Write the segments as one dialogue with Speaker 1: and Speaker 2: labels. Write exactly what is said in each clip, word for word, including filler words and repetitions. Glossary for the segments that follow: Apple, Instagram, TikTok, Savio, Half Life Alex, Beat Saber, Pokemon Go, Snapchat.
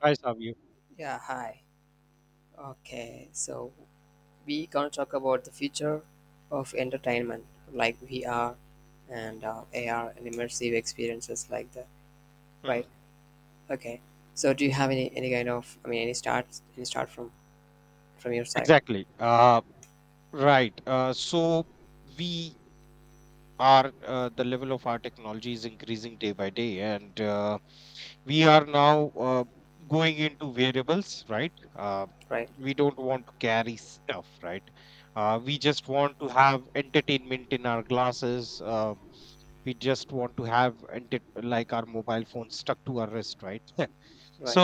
Speaker 1: I saw you.
Speaker 2: Yeah, hi. Okay, so we gonna talk about the future of entertainment, like V R and uh, A R and immersive experiences like that, right?
Speaker 1: Hmm.
Speaker 2: Okay. So do you have any any kind of I mean any start any start from from your side,
Speaker 1: Exactly. Uh, right. Uh, so we are uh, the level of our technology is increasing day by day, and uh, we are now uh, going into variables, right? Uh,
Speaker 2: right?
Speaker 1: we don't want to carry stuff, right? Uh, we just want to have entertainment in our glasses. Uh, we just want to have enter- like our mobile phone stuck to our wrist, right?
Speaker 2: Right.
Speaker 1: so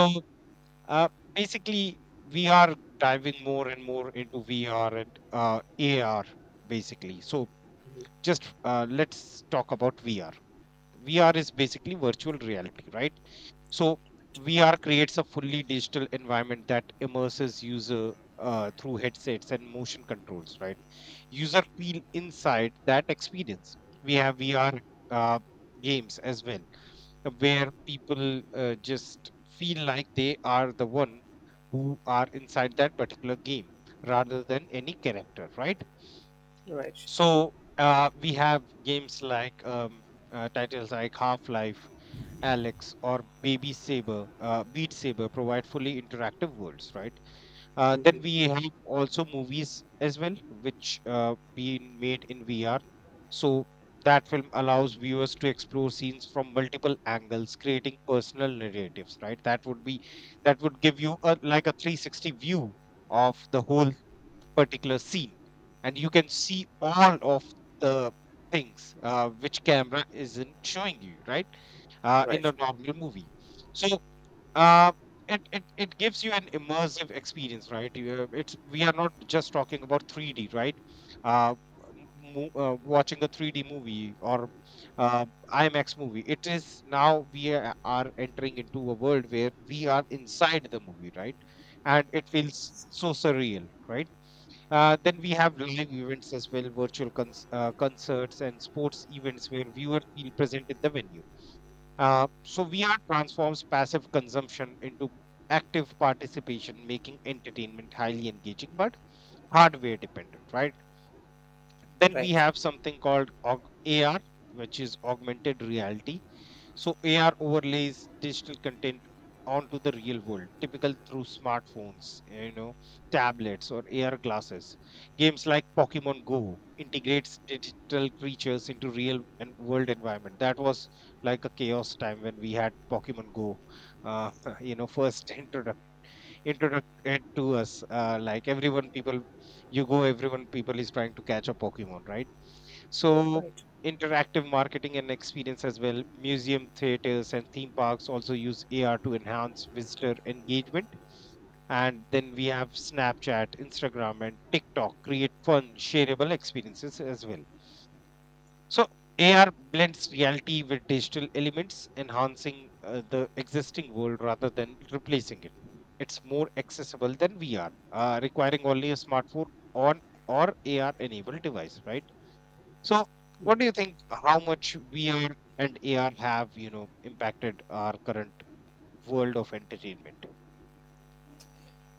Speaker 1: Uh, basically, we are diving more and more into V R and uh, A R, basically. So,
Speaker 2: Mm-hmm.
Speaker 1: just uh, let's talk about V R. V R is basically virtual reality, right? So, V R creates a fully digital environment that immerses user uh, through headsets and motion controls, right? User feel inside that experience. We have V R uh, games as well, uh, where people uh, just feel like they are the one who are inside that particular game rather than any character, right?
Speaker 2: Right.
Speaker 1: So uh, we have games like um, uh, titles like Half Life, Alex, or Baby Saber, uh, Beat Saber provide fully interactive worlds, right? Uh,
Speaker 2: Mm-hmm.
Speaker 1: then we have also movies as well, which uh, been made in V R. So that film allows viewers to explore scenes from multiple angles, creating personal narratives. Right? That would be that would give you a like a three sixty view of the whole particular scene, and you can see all of the things uh, which camera isn't showing you. Right? Uh, in
Speaker 2: Right.
Speaker 1: a normal movie. So uh, it, it it gives you an immersive experience, right? You- uh, it's we are not just talking about three D, right? uh, m- mo- uh Watching a three D movie or uh, imax movie, it is now we are are entering into a world where we are inside the movie, right? And it feels so surreal, right? Uh, then we have live events as well, virtual cons- uh, concerts and sports events where viewers feel present at the venue. Uh, so V R transforms passive consumption into active participation, making entertainment highly engaging but hardware dependent, right? Then we
Speaker 2: Right.
Speaker 1: have something called aug- A R, which is augmented reality. So A R overlays digital content onto the real world, typical through smartphones, you know, tablets or A R glasses. Games like Pokemon Go integrates digital creatures into real and world environment. That was like a chaos time when we had Pokemon Go, uh, you know, first introduction introduced to us. Uh, like everyone, people, you go, everyone, people is trying to catch a Pokemon, right? So,
Speaker 2: Right.
Speaker 1: interactive marketing and experience as well. Museum, theaters, and theme parks also use A R to enhance visitor engagement. And then we have Snapchat, Instagram, and TikTok create fun, shareable experiences as well. So A R blends reality with digital elements, enhancing uh, the existing world rather than replacing it. It's more accessible than V R, uh, requiring only a smartphone on or A R-enabled device, right? So, what do you think? How much V R and A R have you know impacted our current world of entertainment?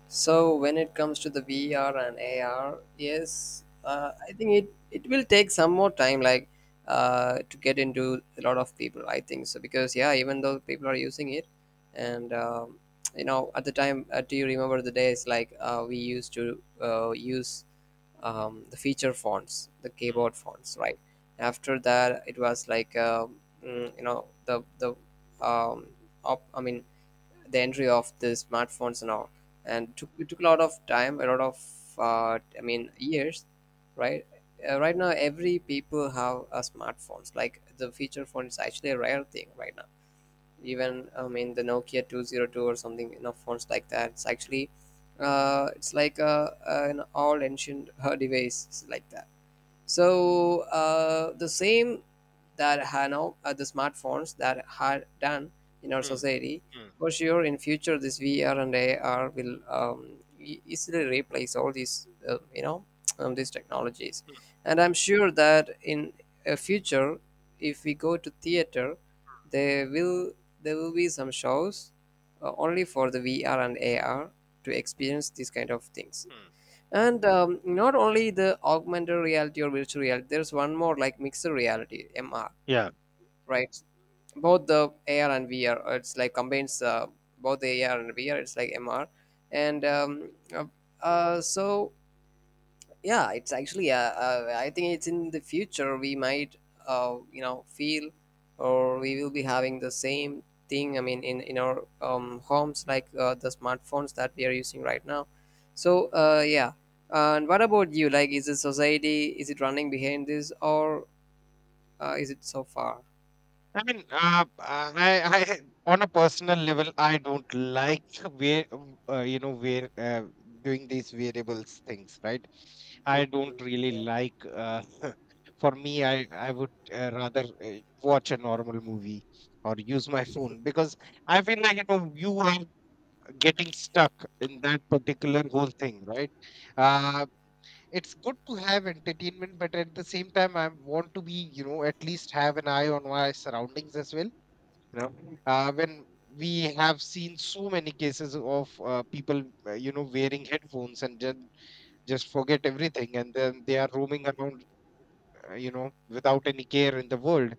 Speaker 2: So when it comes to the V R and A R, yes, uh, I think it it will take some more time, like uh, to get into a lot of people. I think so because yeah, even though people are using it, and, um, you know, at the time, uh, do you remember the days like uh, we used to uh, use um, the feature fonts, the
Speaker 1: Mm,
Speaker 2: keyboard fonts, right? After that, it was like uh, mm, you know the the um, op, I mean the entry of the smartphones and all. And took, it took a lot of time, a lot of uh, I mean years, right. Uh, right now every people have a smartphones, like the feature phone is actually a rare thing right now. Even, I mean, the Nokia two zero two or something, you know phones like that, it's actually, uh, it's like a, an all ancient uh, device like that. So, uh, the same, that ha- now, uh, the smartphones that had done in our
Speaker 1: mm, mm,
Speaker 2: society.
Speaker 1: mm,
Speaker 2: For sure, in future this V R and A R will um, e- easily replace all these uh, you know um, these technologies, and I'm sure that in a future if we go to theater, there will there will be some shows uh, only for the V R and A R to experience these kind of things.
Speaker 1: mm.
Speaker 2: And um, not only the augmented reality or virtual reality, there's one more like mixed reality (M R),
Speaker 1: Yeah.
Speaker 2: right? Both the A R and V R, uh, it's like combines, uh, both the A R and V R. It's like M R, and um, uh, uh, so yeah, it's actually, uh, uh, I think it's in the future we might, uh, you know feel, or we will be having the same thing. I mean, in in our um, homes, like uh, the smartphones that we are using right now. So, uh, yeah. And what about you, like is the society, is it running behind this, or uh, is it so far?
Speaker 1: I mean, uh, I, I, on a personal level, I don't like where, uh, you know, where uh, doing these variables things, right? I
Speaker 2: Hmm.
Speaker 1: don't really
Speaker 2: Yeah.
Speaker 1: like. Uh, for me, I, I would uh, rather uh, watch a normal movie or use my phone because I feel like you know you are getting stuck in that particular whole thing, right? Uh, it's good to have entertainment, but at the same time, I want to be, you know, at least have an eye on my surroundings as well. You know, uh, when we have seen so many cases of uh, people, uh, you know, wearing headphones and then just forget everything, and then they are roaming around, uh, you know, without any care in the world,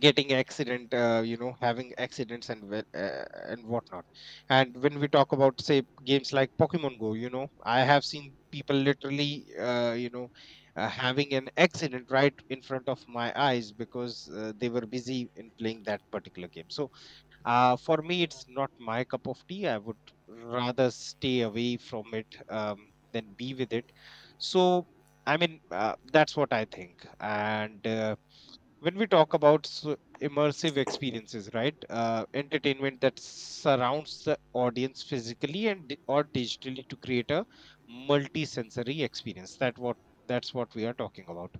Speaker 1: getting accident, uh, you know, having accidents and whe- uh, and whatnot. And when we talk about say games like Pokemon Go, you know, I have seen people literally, uh, you know, uh, having an accident right in front of my eyes because uh, they were busy in playing that particular game. So uh, for me, it's not my cup of tea. I would rather stay away from it um, than be with it. So I mean, uh, that's what I think. And uh, when we talk about s- immersive experiences, right? Uh, entertainment that surrounds the audience physically and di- or digitally to create a multi-sensory experience, that what that's what we are talking about,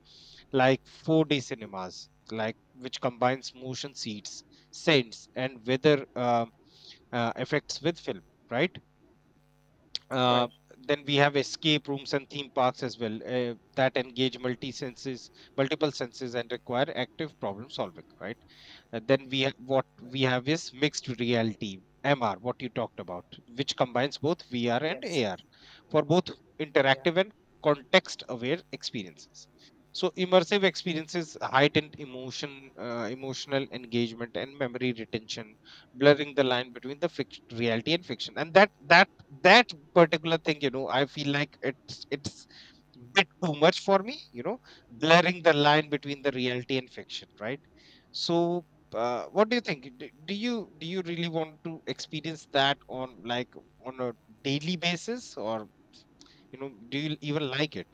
Speaker 1: like four D cinemas, like which combines motion seats, scents, and weather uh, uh, effects with film, right? uh,
Speaker 2: Right.
Speaker 1: then we have escape rooms and theme parks as well, uh, that engage multi senses, multiple senses, and require active problem solving. Right? And then we have what we
Speaker 2: Right.
Speaker 1: have is mixed reality M R, what you talked about, which combines both V R and
Speaker 2: Yes.
Speaker 1: A R for both
Speaker 2: Yeah.
Speaker 1: interactive and context-aware experiences. So immersive experiences heightened emotion, uh, emotional engagement, and memory retention, blurring the line between the fict- reality and fiction. And that that that particular thing, you know, I feel like it's it's bit too much for me, you know. Blurring the line between the reality and fiction, right? So uh, what do you think? Do, do you do you really want to experience that on like on a daily basis, or you know, do you even like it?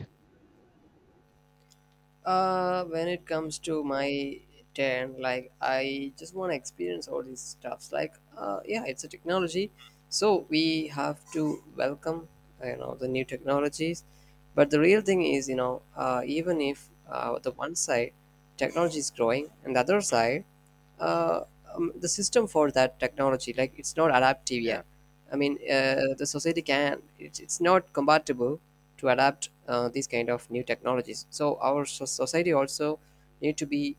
Speaker 2: Uh, when it comes to my turn, like I just want to experience all these stuffs. Like, uh, yeah, it's a technology, so we have to welcome, you know, the new technologies. But the real thing is, you know, uh, even if uh, the one side technology is growing and the other
Speaker 1: Hmm,
Speaker 2: side, uh, um, the system for that technology, like it's not adaptive yet.
Speaker 1: yeah.
Speaker 2: I mean, uh, the society, can it's, it's not compatible to adapt uh, these kind of new technologies, so our so- society also need to be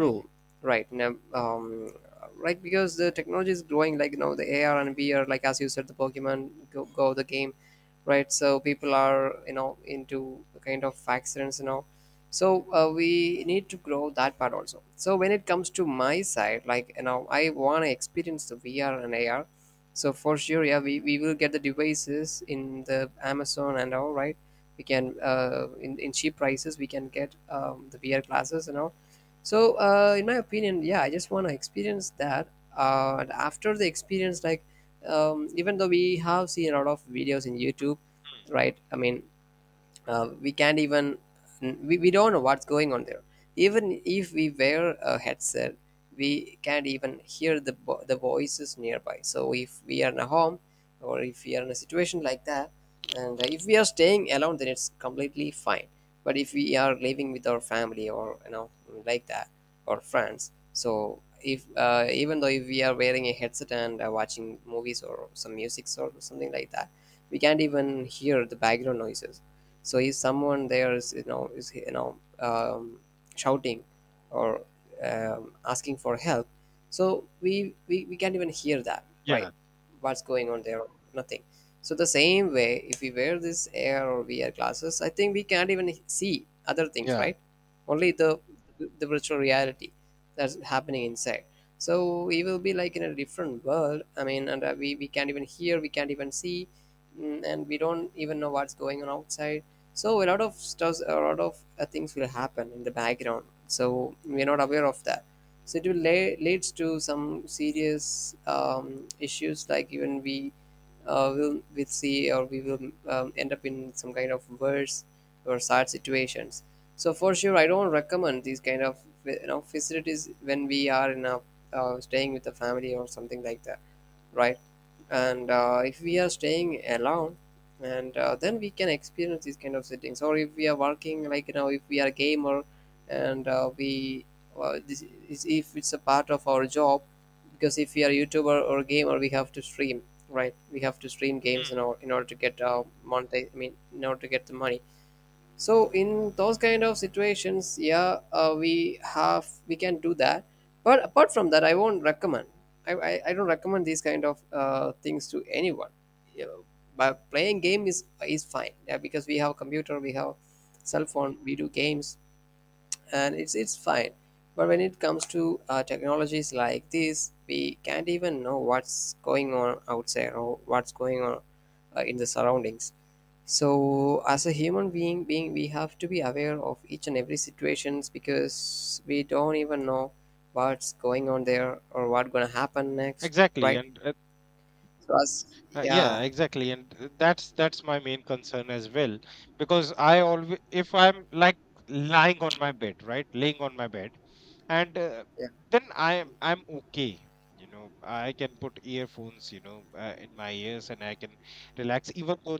Speaker 1: Hmm,
Speaker 2: right now. Um, right, because the technology is growing, like you know the AR and VR, like as you said, the Pokemon go, go the game, right? So people are, you know into kind of accidents, you know so, uh, we need to grow that part also. So when it comes to my side, like, you know I want to experience the VR and AR. So for sure, yeah, we, we will get the devices in the Amazon and all, right? We can, uh, in, in cheap prices we can get um, the VR glasses and all. So, uh, in my opinion, yeah, I just want to experience that. Uh, and after the experience, like, um, even though we have seen a lot of videos in YouTube,
Speaker 1: hmm,
Speaker 2: right? I mean, uh, we can't even we, we don't know what's going on there. Even if we wear a headset, we can't even hear the vo- the voices nearby. So if we are in a home, or if we are in a situation like that, and if we are staying alone, then it's completely fine. But if we are living with our family or, you know like that, or friends. So if, uh, even though if we are wearing a headset and uh, watching movies or some music or something like that, we can't even hear the background noises. So if someone there is you know is you know um, shouting, or um, asking for help, so we, we we can't even hear that, right?
Speaker 1: yeah,
Speaker 2: What's going on there? Nothing. So the same way, if we wear this air or V R glasses, I think we can't even see other things,
Speaker 1: yeah.
Speaker 2: right? Only the the virtual reality that's happening inside. So we will be like in a different world. I mean, and uh, we we can't even hear, we can't even see, mm, and we don't even know what's going on outside. So a lot of stuff, a lot of uh, things will happen in the background, so we're not aware of that. So it will lay, leads to some serious um, issues, like even we, uh, will will see, or we will um, end up in some kind of worse or sad situations. So for sure, I don't recommend these kind of, you know facilities when we are in a uh, staying with the family or something like that, right? And uh, if we are staying alone, and uh, then we can experience these kind of settings. Or if we are working, like, you know, if we are a gamer, and uh, we uh, this is if it's a part of our job, because if we are YouTuber or gamer, we have to stream, right? We have to stream games in,
Speaker 1: Hmm.
Speaker 2: or, in order to get, uh, monetize. I mean, in order to get the money. So in those kind of situations, yeah, uh, we have we can do that. But apart from that, I won't recommend, i i, I don't recommend these kind of uh, things to anyone, you know, but playing game is is fine, yeah, because we have computer, we have cell phone, we do games, and it's it's fine. But when it comes to uh, technologies like this, we can't even know what's going on outside, or what's going on uh, in the surroundings. So as a human being, being we have to be aware of each and every situations, because we don't even know what's going on there, or what's gonna happen next,
Speaker 1: Exactly,
Speaker 2: right?
Speaker 1: and
Speaker 2: So as
Speaker 1: Uh, yeah,
Speaker 2: yeah,
Speaker 1: exactly, and th- that's that's my main concern as well, because I always, if I'm like lying on my bed, right, laying on my bed, and uh,
Speaker 2: yeah,
Speaker 1: then I'm I'm okay, you know, I can put earphones, you know, uh, in my ears, and I can relax, even though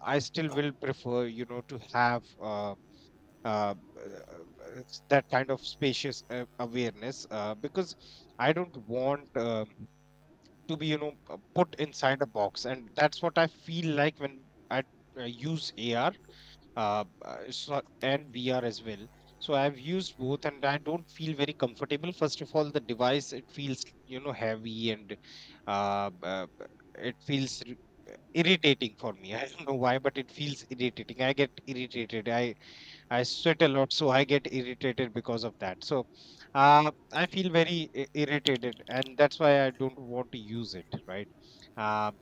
Speaker 1: I still will prefer, you know, to have uh, uh, uh, that kind of spacious uh, awareness, uh, because I don't want. Um, to be you know p- put inside a box, and that's what I feel like when I uh, use AR, uh, uh, it's not, and VR as well. So I've used both, and I don't feel very comfortable. First of all, the device, it feels you know heavy, and uh, uh, it feels r- irritating for me I don't know why, but it feels irritating. I get irritated. i I sweat a lot, so I get irritated because of that. So uh, I feel very i- irritated, and that's why I don't want to use it. Right? Uh,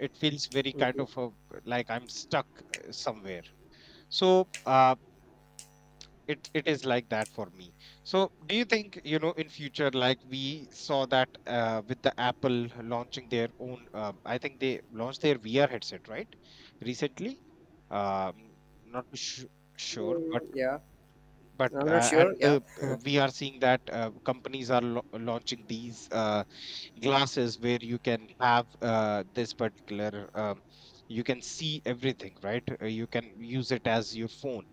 Speaker 1: it feels very kind of
Speaker 2: hmm,
Speaker 1: a, like I'm stuck uh, somewhere. So uh, it it is like that for me. So do you think you know in future, like we saw that uh, with the Apple launching their own? Um, I think they launched their V R headset right recently. Um, not too su- sure, but
Speaker 2: yeah.
Speaker 1: but
Speaker 2: I'm not
Speaker 1: uh,
Speaker 2: sure.
Speaker 1: and
Speaker 2: Yeah.
Speaker 1: the uh, we are seeing that uh, companies are lo- launching these uh, glasses where you can have uh, this particular um, you can see everything, right? Uh, you can use it as your phone,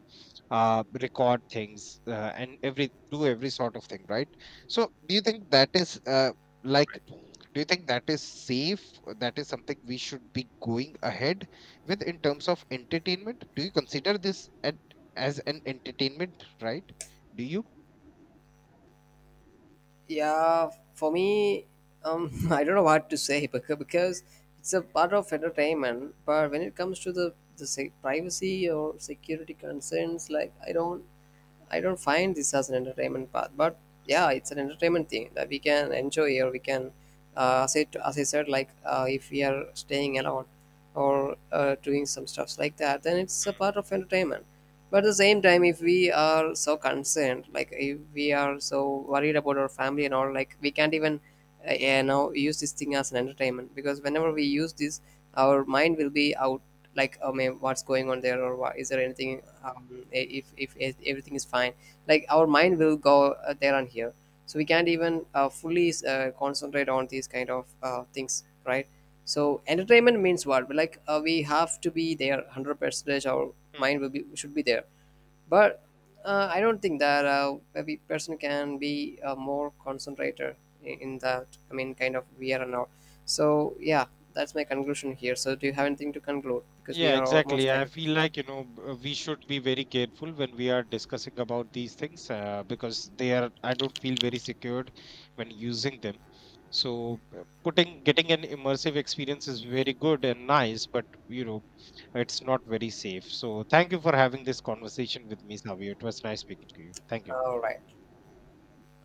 Speaker 1: uh, record things, uh, and every do every sort of thing, right? So do you think that is uh, like do you think that is safe, that is something we should be going ahead with in terms of entertainment? Do you consider this at, as an entertainment, right? Do you?
Speaker 2: Yeah, for me, um, I don't know what to say, becau- because it's a part of entertainment. But when it comes to the the se- privacy or security concerns, like, I don't I don't find this as an entertainment path, but yeah, it's an entertainment thing that we can enjoy, or we can, uh, as, I, as I said, like uh, if we are staying alone, or uh, doing some stuffs like that, then it's a part of entertainment. But at the same time, if we are so concerned, like if we are so worried about our family and all, like we can't even, uh, you know, use this thing as an entertainment, because whenever we use this, our mind will be out, like, oh man, what's going on there, or what is there, anything? um, if, if if e-, Everything is fine, like our mind will go, uh, there and here, so we can't even uh, fully uh, concentrate on these kind of uh, things, right? So entertainment means what? Like, uh, we have to be there one hundred percent, our mind will be should be there. But, uh, I don't think that uh, every person can be uh, more concentrated in, in that. I mean, kind of we are now. So yeah, that's my conclusion here. So do you have anything to conclude? Because we
Speaker 1: Yeah,
Speaker 2: are
Speaker 1: exactly.
Speaker 2: almost
Speaker 1: I
Speaker 2: ahead of
Speaker 1: feel
Speaker 2: time.
Speaker 1: like, you know, b- uh, we should be very careful when we are discussing about these things uh, because they are, I don't feel very secured when using them. So uh, putting, getting an immersive experience is very good and nice, but, you know, it's not very safe. So thank you for having this conversation with me, Savio. It was nice speaking to you. Thank you.
Speaker 2: All right.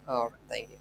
Speaker 2: All right. Thank you.